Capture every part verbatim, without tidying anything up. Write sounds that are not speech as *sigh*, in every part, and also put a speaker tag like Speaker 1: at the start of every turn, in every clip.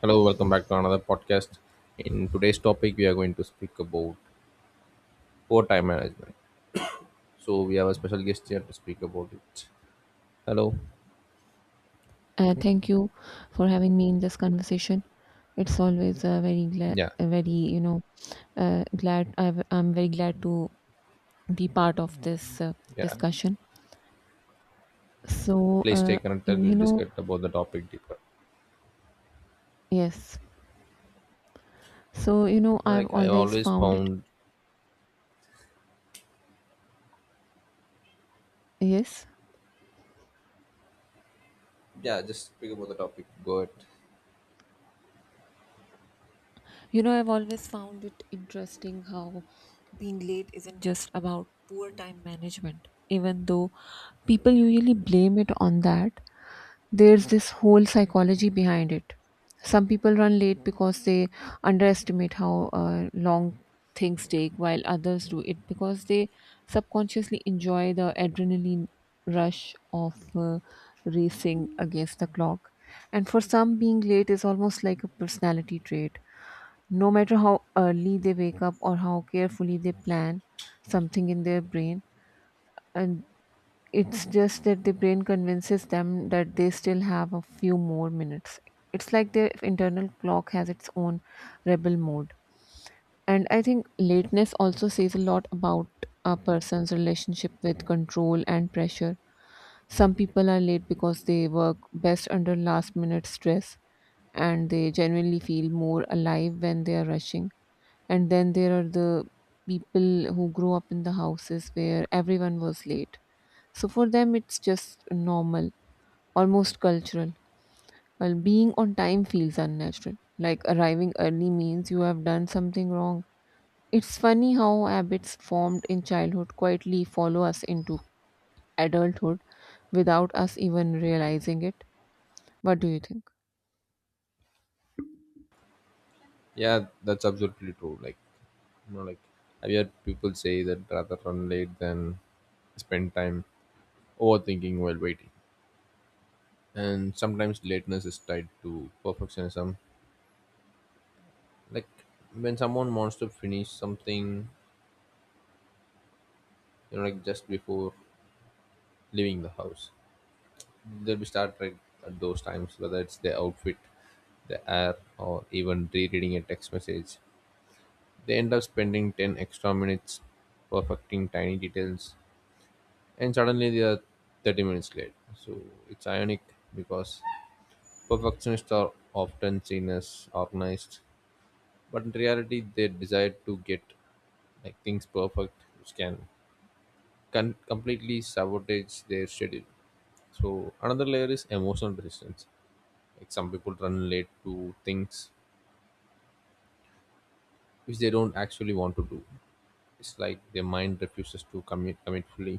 Speaker 1: Hello, welcome back to another podcast. In today's topic, we are going to speak about poor time management. So we have a special guest here to speak about it. Hello.
Speaker 2: Uh, thank you for having me in this conversation. It's always uh, very glad,
Speaker 1: Yeah,
Speaker 2: very you know, uh, glad. I've, I'm very glad to be part of this uh,
Speaker 1: yeah.
Speaker 2: discussion. So,
Speaker 1: Please stay
Speaker 2: uh, you
Speaker 1: connected.
Speaker 2: you
Speaker 1: We'll
Speaker 2: know,
Speaker 1: discuss about the topic deeper.
Speaker 2: yes. So, you know, I've
Speaker 1: Like I
Speaker 2: always
Speaker 1: always
Speaker 2: found it.
Speaker 1: found.
Speaker 2: Yes,
Speaker 1: Yeah, just speak about the topic. Go ahead.
Speaker 2: you know, I've always found it interesting how being late isn't just about poor time management, even though people usually blame it on that. There's this whole psychology behind it. Some people run late because they underestimate how uh, long things take, while others do it because they subconsciously enjoy the adrenaline rush of uh, racing against the clock. And for some, being late is almost like a personality trait. No matter how early they wake up or how carefully they plan something in their brain, and it's just that the brain convinces them that they still have a few more minutes. It's like their internal clock has its own rebel mode. And I think lateness also says a lot about a person's relationship with control and pressure. Some people are late because they work best under last minute stress and they genuinely feel more alive when they are rushing. And then there are the people who grew up in the houses where everyone was late, so for them, it's just normal, almost cultural. While being on time feels unnatural, like arriving early means you have done something wrong. It's funny how habits formed in childhood quietly follow us into adulthood without us even realizing it. What do you think?
Speaker 1: Yeah, that's absolutely true. Like you know, like I've heard people say that rather run late than spend time overthinking while waiting. And sometimes lateness is tied to perfectionism, like when someone wants to finish something, you know like just before leaving the house, they'll be start right at those times, whether it's their outfit, the air, or even rereading a text message. They end up spending ten extra minutes perfecting tiny details, and suddenly they are thirty minutes late. So it's ironic because perfectionists are often seen as organized, but in reality they desire to get like things perfect, which can con- completely sabotage their schedule. So another layer is emotional resistance. Like some people run late to things which they don't actually want to do. It's like their mind refuses to commit commit fully.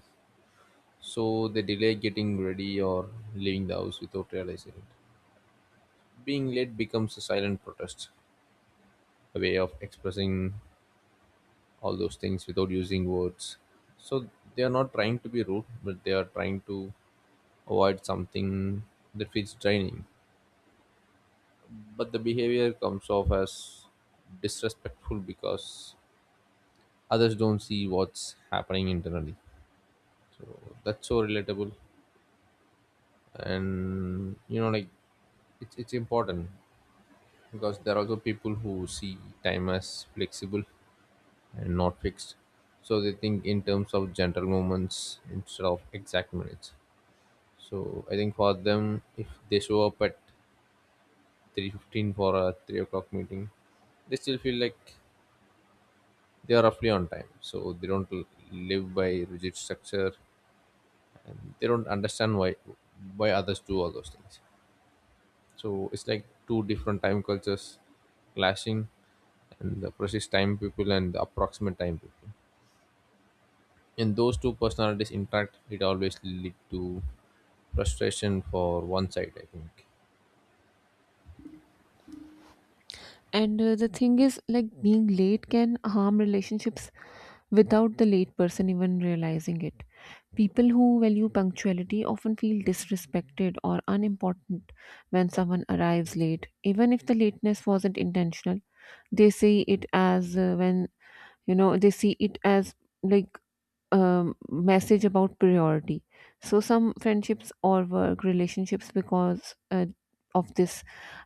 Speaker 1: So they delay getting ready or leaving the house without realizing it. Being late becomes a silent protest, a way of expressing all those things without using words. So they are not trying to be rude, but they are trying to avoid something that feels draining. Mm-hmm. But the behavior comes off as disrespectful because others don't see what's happening internally. So that's so relatable, and you know, like it's it's important, because there are also people who see time as flexible and not fixed. So they think in terms of gentle moments instead of exact minutes. So I think for them, if they show up at three fifteen for a three o'clock meeting, they still feel like they are roughly on time. So they don't l- live by rigid structure, and they don't understand why why others do all those things. So it's like two different time cultures clashing, and the precise time people and the approximate time people, and those two personalities interact, it always lead to frustration for one side, I think.
Speaker 2: And uh, the thing is, like being late can harm relationships without the late person even realizing it. People who value punctuality often feel disrespected or unimportant when someone arrives late, even if the lateness wasn't intentional. They see it as uh, when you know they see it as like um, message about priority. So some friendships or work relationships because uh, of this,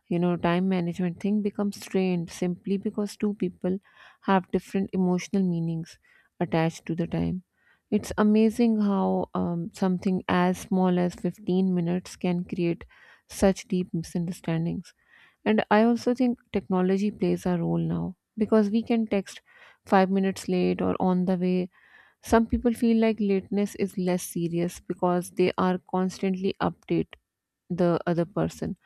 Speaker 2: you know, time management thing becomes strained simply because two people have different emotional meanings attached to the time. It's amazing how um, something as small as fifteen minutes can create such deep misunderstandings. And I also think technology plays a role now because we can text five minutes late or on the way, some people feel like lateness is less serious because they are constantly update the other person.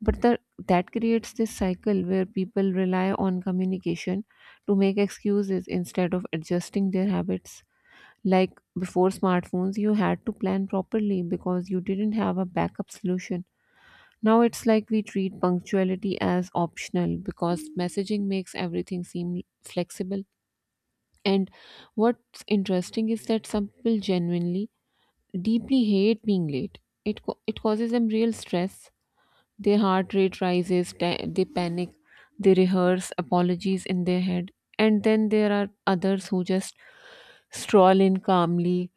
Speaker 2: But the, that creates this cycle where people rely on communication to make excuses instead of adjusting their habits. Like before smartphones, you had to plan properly because you didn't have a backup solution. Now it's like we treat punctuality as optional because messaging makes everything seem flexible. And what's interesting is that some people genuinely deeply hate being late. It, co- it causes them real stress. Their heart rate rises, ta- they panic, they rehearse apologies in their head. And then there are others who just stroll in calmly,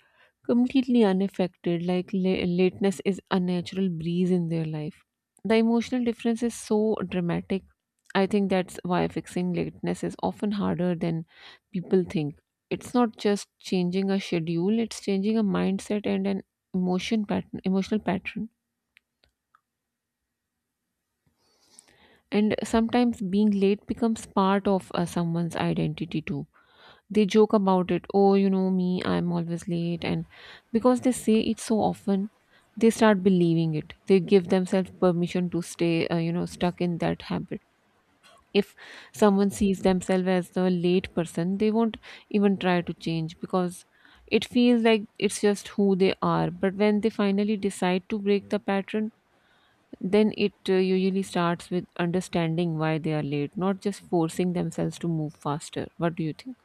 Speaker 2: completely unaffected, like la- lateness is a natural breeze in their life. The emotional difference is so dramatic. I think that's why fixing lateness is often harder than people think. It's not just changing a schedule, it's changing a mindset and an emotion pattern, emotional pattern. And sometimes being late becomes part of uh, someone's identity too. They joke about it. Oh, you know me, I'm always late. And because they say it so often, they start believing it. They give themselves permission to stay, uh, you know, stuck in that habit. If someone sees themselves as the late person, they won't even try to change because it feels like it's just who they are. But when they finally decide to break the pattern, then it uh, usually starts with understanding why they are late, not just forcing themselves to move faster. What do you think?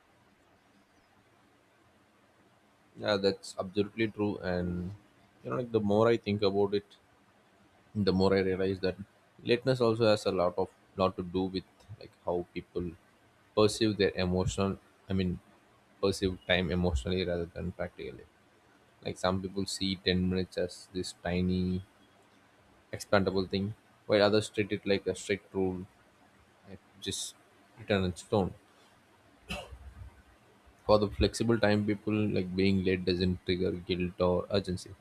Speaker 1: Yeah, that's absolutely true. And you know like, the more I think about it, the more I realize that lateness also has a lot of lot to do with like how people perceive their emotional I mean, perceive time emotionally rather than practically. Like some people see ten minutes as this tiny expandable thing, while others treat it like a strict rule, like just written in stone. For the flexible time people, like being late doesn't trigger guilt or urgency.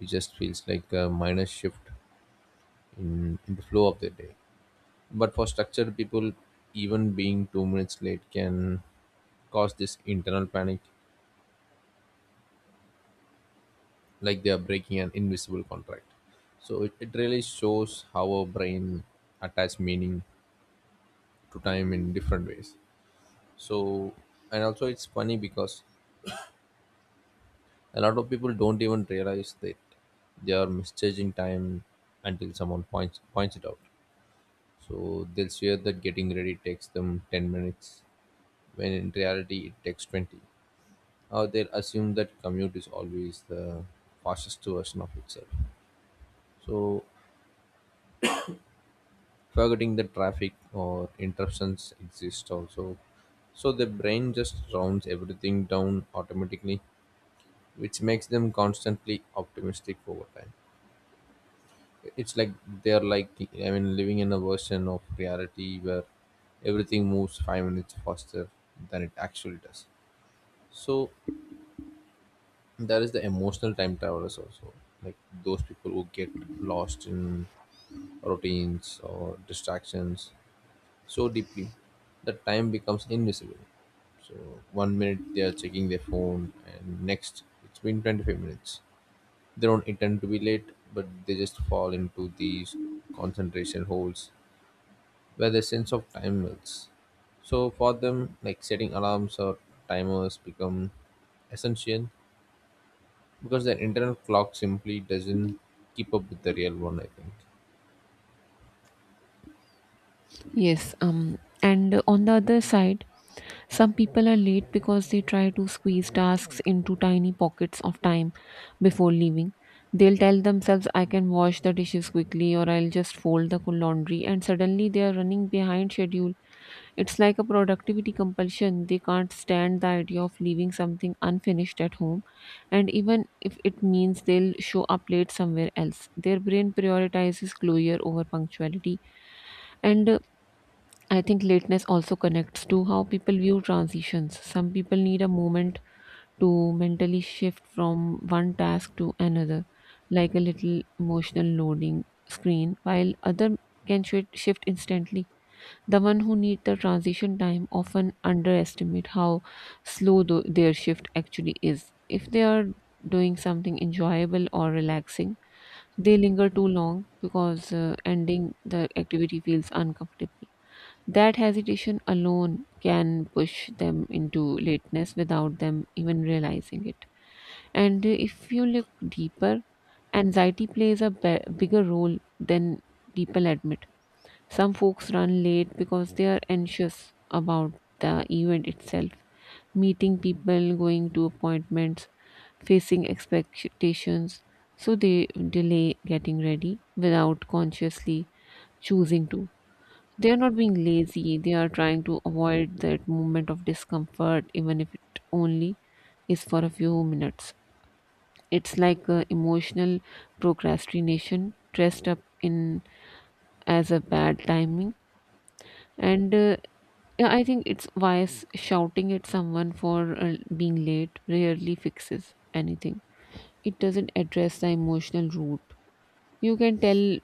Speaker 1: It just feels like a minor shift in, in the flow of the day. But for structured people, even being two minutes late can cause this internal panic, like they are breaking an invisible contract. So it, it really shows how our brain attach meaning to time in different ways. So, and also it's funny because a lot of people don't even realize that they are misjudging time until someone points points it out. So they'll swear that getting ready takes them ten minutes when in reality it takes twenty. uh, they'll assume that commute is always the fastest version of itself. So, forgetting that traffic or interruptions exist also. So, the brain just rounds everything down automatically, which makes them constantly optimistic over time. It's like they're like, I mean, living in a version of reality where everything moves five minutes faster than it actually does. So, there is the emotional time travelers also, like those people who get lost in routines or distractions so deeply that time becomes invisible. So one minute they are checking their phone, and next it's been twenty-five minutes. They don't intend to be late, but they just fall into these concentration holes where their sense of time melts. So for them, like setting alarms or timers become essential because their internal clock simply doesn't keep up with the real one, I think.
Speaker 2: Yes, um, and on the other side, some people are late because they try to squeeze tasks into tiny pockets of time before leaving. They'll tell themselves, I can wash the dishes quickly, or I'll just fold the laundry, and suddenly they are running behind schedule. It's like a productivity compulsion. They can't stand the idea of leaving something unfinished at home, and even if it means they'll show up late somewhere else. Their brain prioritizes closure over punctuality, and uh, I think lateness also connects to how people view transitions. Some people need a moment to mentally shift from one task to another, like a little emotional loading screen, while other can shi- shift instantly. The one who need the transition time often underestimate how slow tho- their shift actually is. If they are doing something enjoyable or relaxing, they linger too long because uh, ending the activity feels uncomfortable. That hesitation alone can push them into lateness without them even realizing it. And uh, if you look deeper, anxiety plays a be- bigger role than people admit. Some folks run late because they are anxious about the event itself, meeting people, going to appointments, facing expectations. So they delay getting ready without consciously choosing to. They are not being lazy, they are trying to avoid that moment of discomfort, even if it only is for a few minutes. It's like a emotional procrastination dressed up in as a bad timing. And uh, yeah, I think it's wise shouting at someone for uh, being late rarely fixes anything. It doesn't address the emotional root. You can tell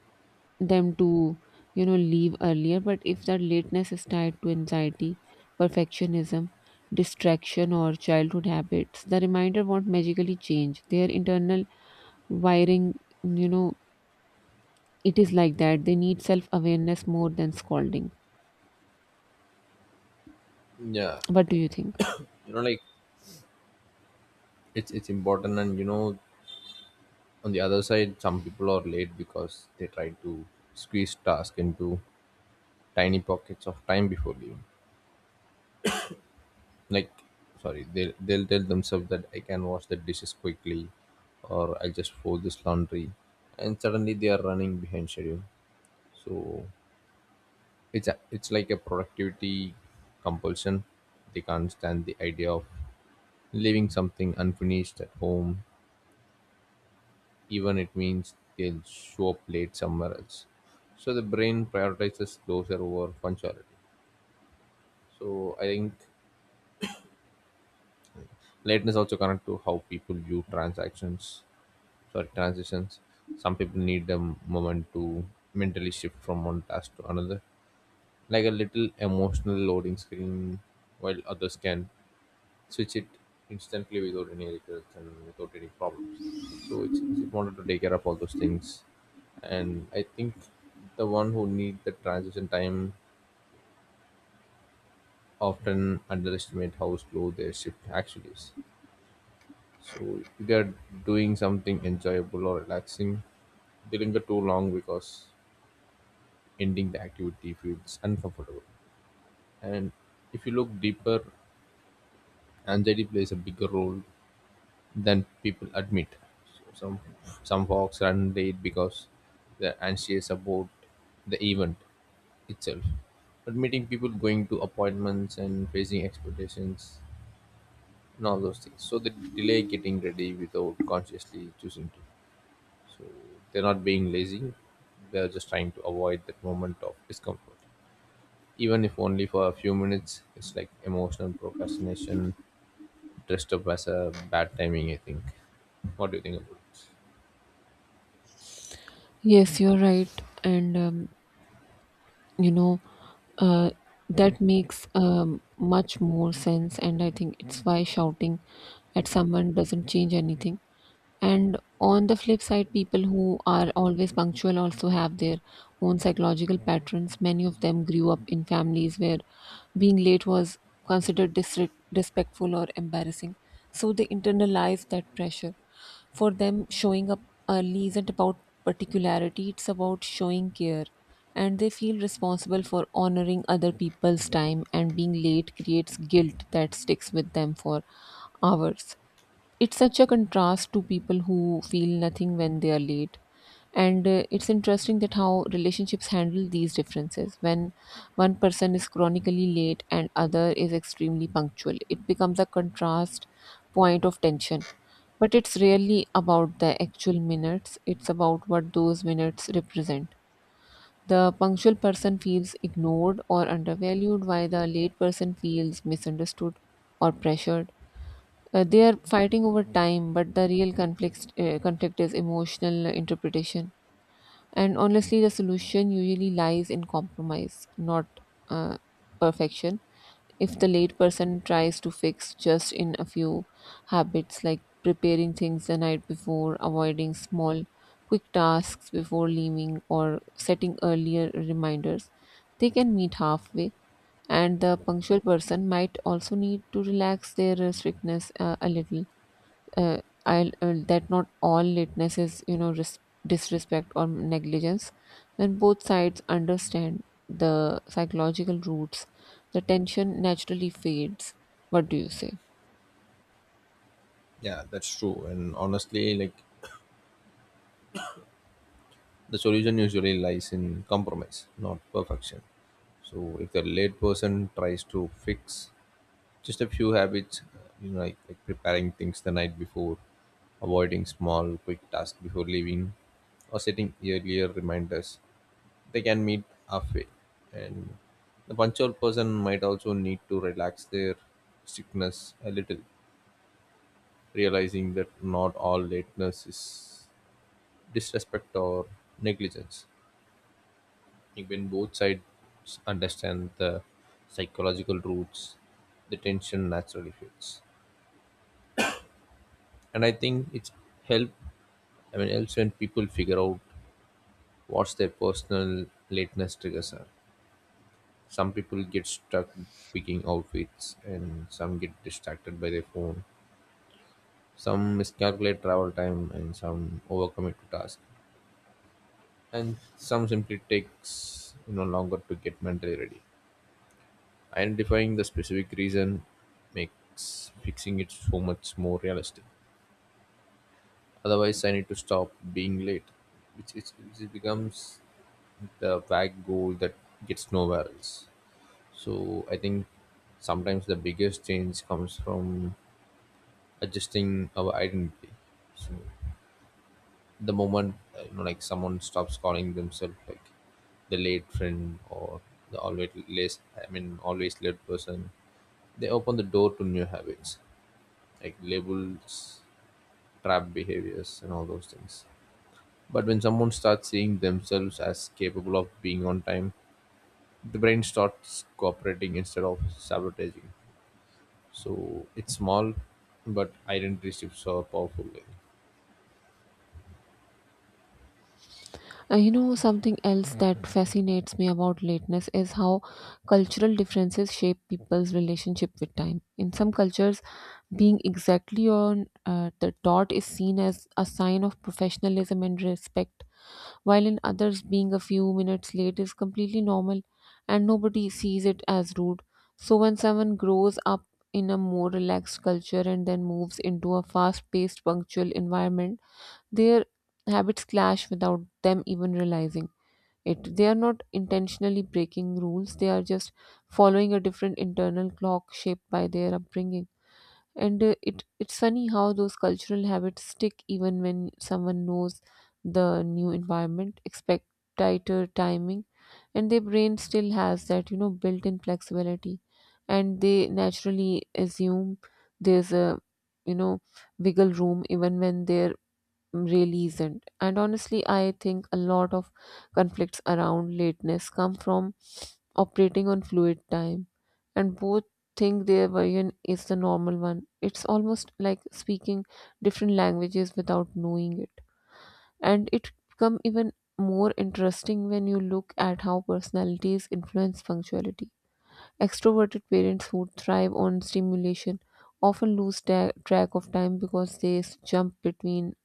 Speaker 2: them to you know leave earlier, but if that lateness is tied to anxiety, perfectionism, distraction or childhood habits, the reminder won't magically change their internal wiring. you know it is like that they need self awareness more than scolding.
Speaker 1: Yeah,
Speaker 2: What do you think?
Speaker 1: you know, like it's it's important. And you know, on the other side, some people are late because they try to squeeze task into tiny pockets of time before leaving, like, sorry, they, they'll tell themselves that I can wash the dishes quickly, or I'll just fold this laundry, and suddenly they are running behind schedule. So it's a, it's like a productivity compulsion. They can't stand the idea of leaving something unfinished at home, even it means they'll show up late somewhere else. So the brain prioritizes closure over punctuality. So I think lateness also connect to how people view transactions, sorry, transitions. Some people need a moment to mentally shift from one task to another, like a little emotional loading screen, while others can switch it instantly without any regrets and without any problems. So it's, it's important to take care of all those things. And I think the one who need the transition time often underestimate how slow their shift actually is. So if they're doing something enjoyable or relaxing, they linger too long because ending the activity feels uncomfortable. And if you look deeper, anxiety plays a bigger role than people admit. So, Some some folks run late because they're anxious about the event itself. But meeting people, going to appointments, and facing expectations, and all those things. So they delay getting ready without consciously choosing to. So they're not being lazy; they're just trying to avoid that moment of discomfort, even if only for a few minutes. It's like emotional procrastination dressed up as a bad timing, I think. What do you think about it?
Speaker 2: Yes, you're right, and um, you know uh, that makes um, much more sense, and I think it's why shouting at someone doesn't change anything. And on the flip side, people who are always punctual also have their own psychological patterns. Many of them grew up in families where being late was considered disrespectful or embarrassing. So they internalize that pressure. For them, showing up early isn't about particularity, it's about showing care. And they feel responsible for honoring other people's time, and being late creates guilt that sticks with them for hours. It's such a contrast to people who feel nothing when they are late. And uh, it's interesting that how relationships handle these differences. When one person is chronically late and other is extremely punctual, it becomes a contrast point of tension, but it's rarely about the actual minutes, it's about what those minutes represent. The punctual person feels ignored or undervalued, while the late person feels misunderstood or pressured. Uh, they are fighting over time, but the real conflict uh, conflict is emotional interpretation. And honestly, the solution usually lies in compromise, not uh, perfection. If the late person tries to fix just in a few habits like preparing things the night before, avoiding small, quick tasks before leaving, or setting earlier reminders, they can meet halfway. And the punctual person might also need to relax their uh, strictness uh, a little, uh, I uh, that not all lateness is you know ris- disrespect or negligence. When both sides understand the psychological roots, the tension naturally fades. What do you say?
Speaker 1: Yeah, that's true. And honestly, like, the solution usually lies in compromise, not perfection. So if the late person tries to fix just a few habits, uh, you know, like, like preparing things the night before, avoiding small quick tasks before leaving, or setting earlier reminders, they can meet halfway. And the punctual person might also need to relax their strictness a little, realizing that not all lateness is disrespect or negligence. I think when both sides understand the psychological roots, the tension naturally fades. And I think it's help. I mean, helps when people figure out what's their personal lateness triggers are. Some people get stuck picking outfits, and some get distracted by their phone. Some miscalculate travel time, and some overcommit to task, and some simply takes you know longer to get mentally ready. Identifying the specific reason makes fixing it so much more realistic. Otherwise, I need to stop being late, which is which it becomes the vague goal that gets nowhere else. So I think sometimes the biggest change comes from adjusting our identity. So the moment, uh, you know, like someone stops calling themselves like the late friend or the always late, I mean always late person, they open the door to new habits, like labels, trap behaviors, and all those things. But when someone starts seeing themselves as capable of being on time, the brain starts cooperating instead of sabotaging. So it's small, but identity shifts are powerful. Like.
Speaker 2: Uh, you know, something else that fascinates me about lateness is how cultural differences shape people's relationship with time. In some cultures, being exactly on uh, the dot is seen as a sign of professionalism and respect, while in others, being a few minutes late is completely normal and nobody sees it as rude. So, when someone grows up in a more relaxed culture and then moves into a fast paced, punctual environment, their habits clash without them even realizing it. They are not intentionally breaking rules, they are just following a different internal clock shaped by their upbringing. And uh, it, it's funny how those cultural habits stick even when someone knows the new environment, expect tighter timing, and their brain still has that, you know, built in flexibility. And they naturally assume there's a, you know, wiggle room even when their really isn't. And honestly, I think a lot of conflicts around lateness come from operating on fluid time, and both think their version is the normal one. It's almost like speaking different languages without knowing it, and it become even more interesting when you look at how personalities influence punctuality. Extroverted parents who thrive on stimulation often lose ta- track of time because they s- jump between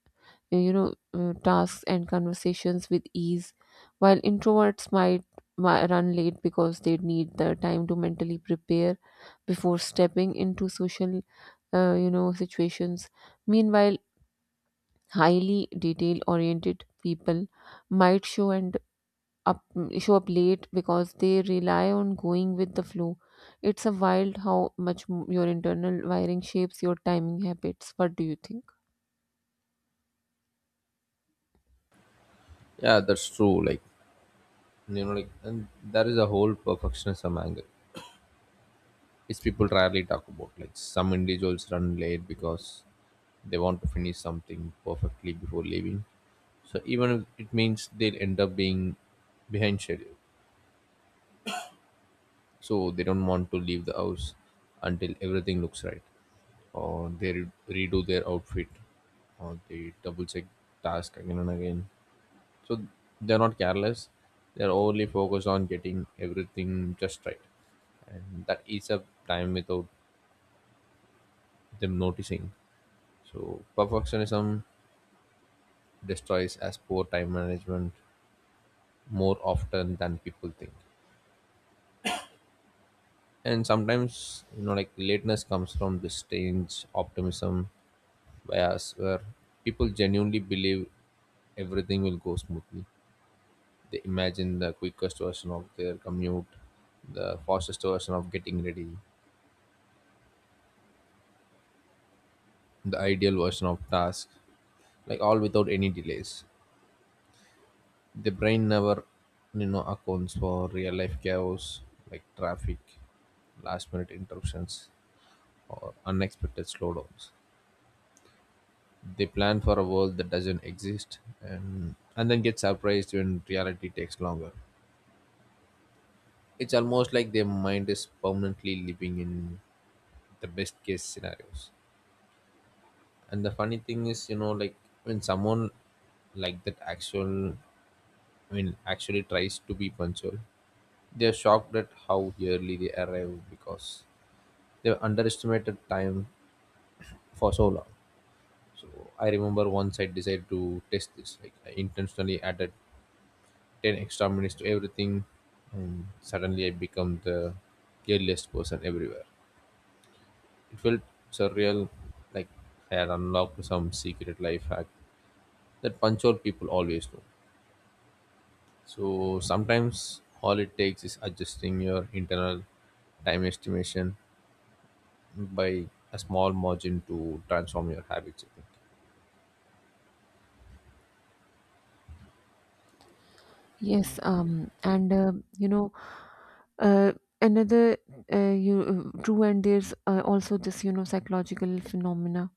Speaker 2: you know uh, tasks and conversations with ease, while introverts might mi- run late because they need the time to mentally prepare before stepping into social uh, you know situations. Meanwhile, highly detail oriented people might show and up show up late because they rely on going with the flow. It's a wild how much m- your internal wiring shapes your timing habits. What do you think?
Speaker 1: Yeah, that's true. Like you know, like and that is a whole perfectionism angle is people rarely talk about. Like some individuals run late because they want to finish something perfectly before leaving. So even if it means they'll end up being behind schedule. So they don't want to leave the house until everything looks right, or they re- redo their outfit, or they double check task again and again. So they're not careless; they're only focused on getting everything just right, and that eats up time without them noticing. So perfectionism destroys as poor time management more often than people think. And sometimes, you know, like, lateness comes from this strange optimism bias where people genuinely believe everything will go smoothly. They imagine the quickest version of their commute, the fastest version of getting ready, the ideal version of task, like all without any delays. The brain never you know accounts for real life chaos, like traffic, last minute interruptions, or unexpected slowdowns. They plan for a world that doesn't exist, and and then get surprised when reality takes longer. It's almost like their mind is permanently living in the best case scenarios. And the funny thing is, you know like, when someone like that actual I mean, actually tries to be punctual, they are shocked at how early they arrive because they have underestimated time for so long. So I remember once I decided to test this. Like, I intentionally added ten extra minutes to everything, and suddenly I become the earliest person everywhere. It felt surreal, like I had unlocked some secret life hack that punctual people always know. So sometimes all it takes is adjusting your internal time estimation by a small margin to transform your habits, I think.
Speaker 2: Yes, um, and uh, you know, uh, another uh, you uh, true, and there's uh, also this you know psychological phenomena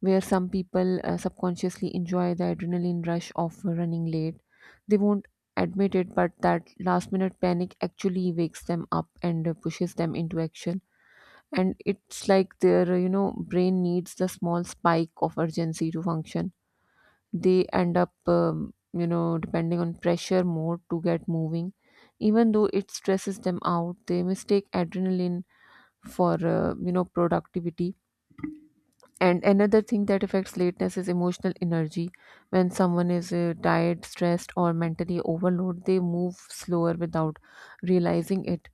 Speaker 2: where some people uh, subconsciously enjoy the adrenaline rush of running late. They won't admit it, but that last minute panic actually wakes them up and uh, pushes them into action. And it's like their uh, you know brain needs the small spike of urgency to function. They end up um, you know depending on pressure more to get moving, even though it stresses them out. They mistake adrenaline for uh, you know productivity. And another thing that affects lateness is emotional energy. When someone is uh, tired, stressed or mentally overloaded, they move slower without realizing it.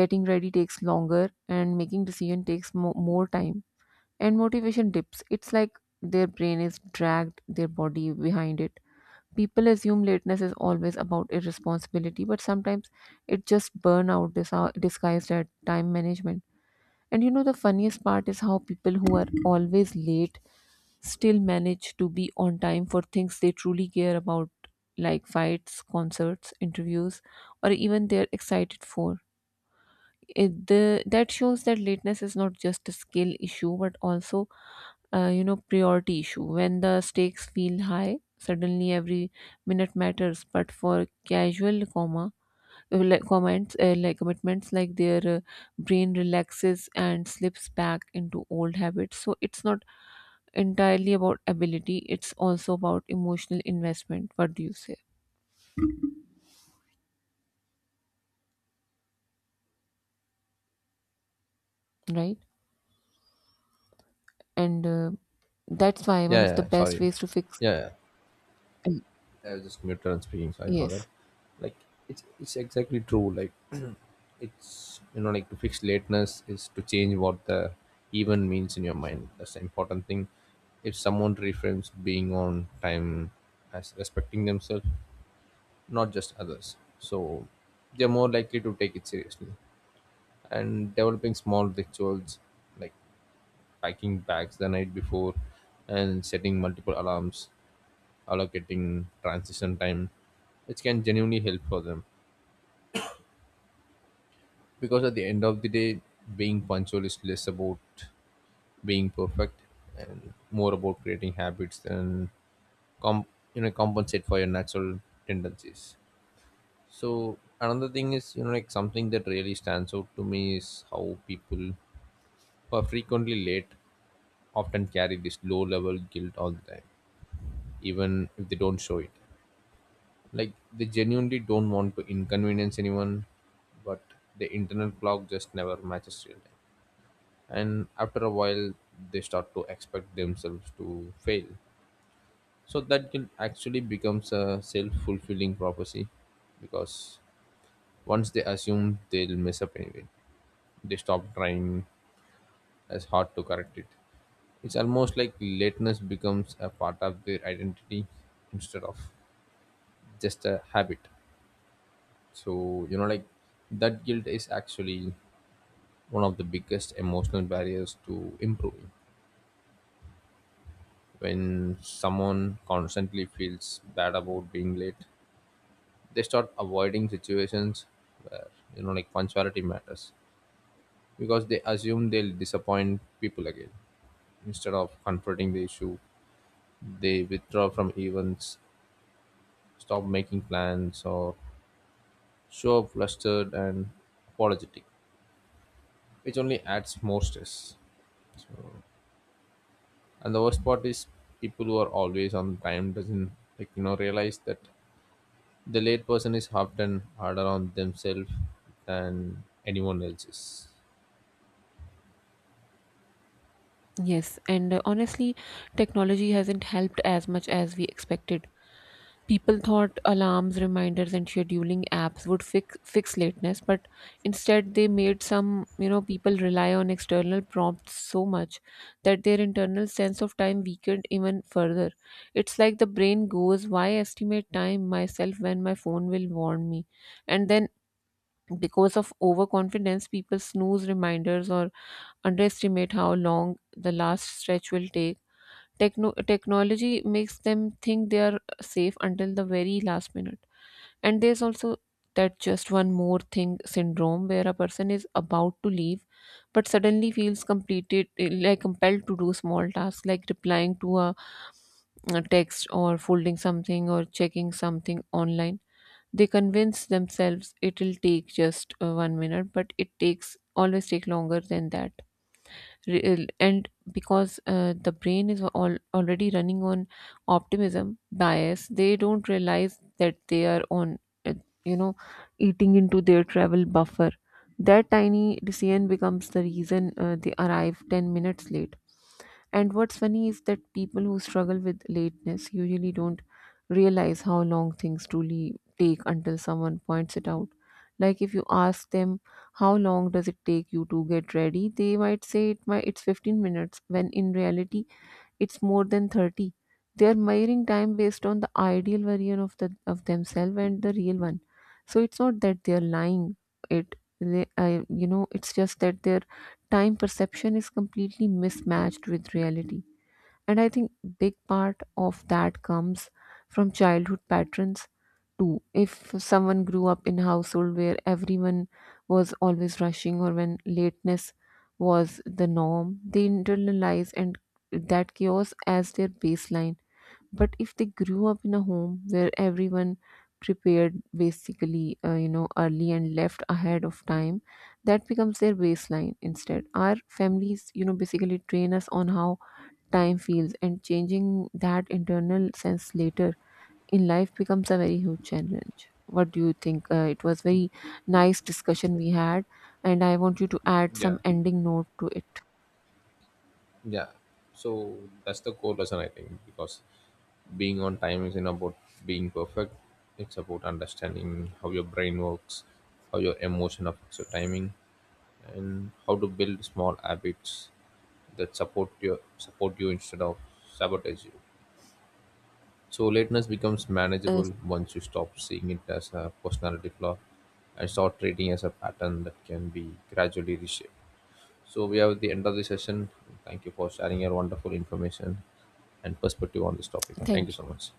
Speaker 2: Getting ready takes longer, and making decision takes mo- more time and motivation dips. It's like their brain is dragged their body behind it. People assume lateness is always about irresponsibility, but sometimes it just burnout dis- disguised as time management. And you know, the funniest part is how people who are always late still manage to be on time for things they truly care about, like fights, concerts, interviews, or even they're excited for. It, the, that shows that lateness is not just a skill issue, but also uh, you know priority issue. When the stakes feel high, suddenly every minute matters, but for casual comma uh, like comments uh, like commitments, like their uh, brain relaxes and slips back into old habits. So it's not entirely about ability, it's also about emotional investment. What do you say? Right, and uh, that's why one
Speaker 1: Yeah,
Speaker 2: of the
Speaker 1: yeah.
Speaker 2: best
Speaker 1: Sorry.
Speaker 2: ways to fix
Speaker 1: Yeah, yeah. I was just muted and speaking. Sorry for that.
Speaker 2: yes.
Speaker 1: Like it's it's exactly true. Like *clears throat* it's, you know like, to fix lateness is to change what the even means in your mind. That's the important thing. If someone reframes being on time as respecting themselves, not just others. So they're more likely to take it seriously. And developing small rituals, like packing bags the night before and setting multiple alarms, allocating transition time, which can genuinely help for them. Because at the end of the day, being punctual is less about being perfect and more about creating habits than com you know compensate for your natural tendencies. So another thing is, you know, like, something that really stands out to me is how people who are frequently late often carry this low level guilt all the time, even if they don't show it. Like they genuinely don't want to inconvenience anyone, but the internal clock just never matches real time. And after a while they start to expect themselves to fail. So that guilt actually becomes a self fulfilling prophecy, because once they assume they'll mess up anyway, they stop trying as hard to correct it. It's almost like lateness becomes a part of their identity instead of just a habit. So, you know, like, that guilt is actually one of the biggest emotional barriers to improving. When someone constantly feels bad about being late, they start avoiding situations where, you know, like, punctuality matters, because they assume they'll disappoint people again. Instead of confronting the issue, they withdraw from events, stop making plans, or show up flustered and apologetic, which only adds more stress. So, and the worst part is people who are always on time doesn't like you know realize that the late person is often harder on themselves than anyone else is.
Speaker 2: Yes, and uh, honestly, technology hasn't helped as much as we expected. People thought alarms, reminders, and scheduling apps would fix fix lateness, but instead they made some you know people rely on external prompts so much that their internal sense of time weakened even further. It's like the brain goes, "Why estimate time myself when my phone will warn me?" And then, because of overconfidence, people snooze reminders or underestimate how long the last stretch will take. Techno- technology makes them think they are safe until the very last minute. And there's also that just one more thing syndrome, where a person is about to leave but suddenly feels completed like compelled to do small tasks like replying to a, a text, or folding something, or checking something online. They convince themselves it'll take just uh, one minute, but it takes always take longer than that. Re- uh, and because uh, the brain is all, already running on optimism bias, they don't realize that they are on uh, you know eating into their travel buffer. That tiny decision becomes the reason uh, they arrive ten minutes late. And what's funny is that people who struggle with lateness usually don't realize how long things truly take until someone points it out. Like if you ask them how long does it take you to get ready, they might say it might it's fifteen minutes, when in reality it's more than thirty. They are measuring time based on the ideal version of the of themselves and the real one. So it's not that they are lying, it they, I, you know it's just that their time perception is completely mismatched with reality. And I think big part of that comes from childhood patterns too. If someone grew up in a household where everyone was always rushing, or when lateness was the norm, they internalize and that chaos as their baseline. But if they grew up in a home where everyone prepared basically uh, you know early and left ahead of time, that becomes their baseline instead. Our families you know basically train us on how time feels, and changing that internal sense later in life becomes a very huge challenge. What do you think? Uh, it was very nice discussion we had, and I want you to add
Speaker 1: Yeah.
Speaker 2: some ending note to it.
Speaker 1: Yeah, so that's the core lesson, I think, because being on time isn't about being perfect. It's about understanding how your brain works, how your emotion affects your timing, and how to build small habits that support your support you instead of sabotage you. So lateness becomes
Speaker 2: Uh,
Speaker 1: manageable once you stop seeing it as a personality flaw and start treating it as a pattern that can be gradually reshaped. So we are at the end of the session. Thank you for sharing your wonderful information and perspective on this topic. Thank you
Speaker 2: Thank
Speaker 1: so
Speaker 2: you.
Speaker 1: much.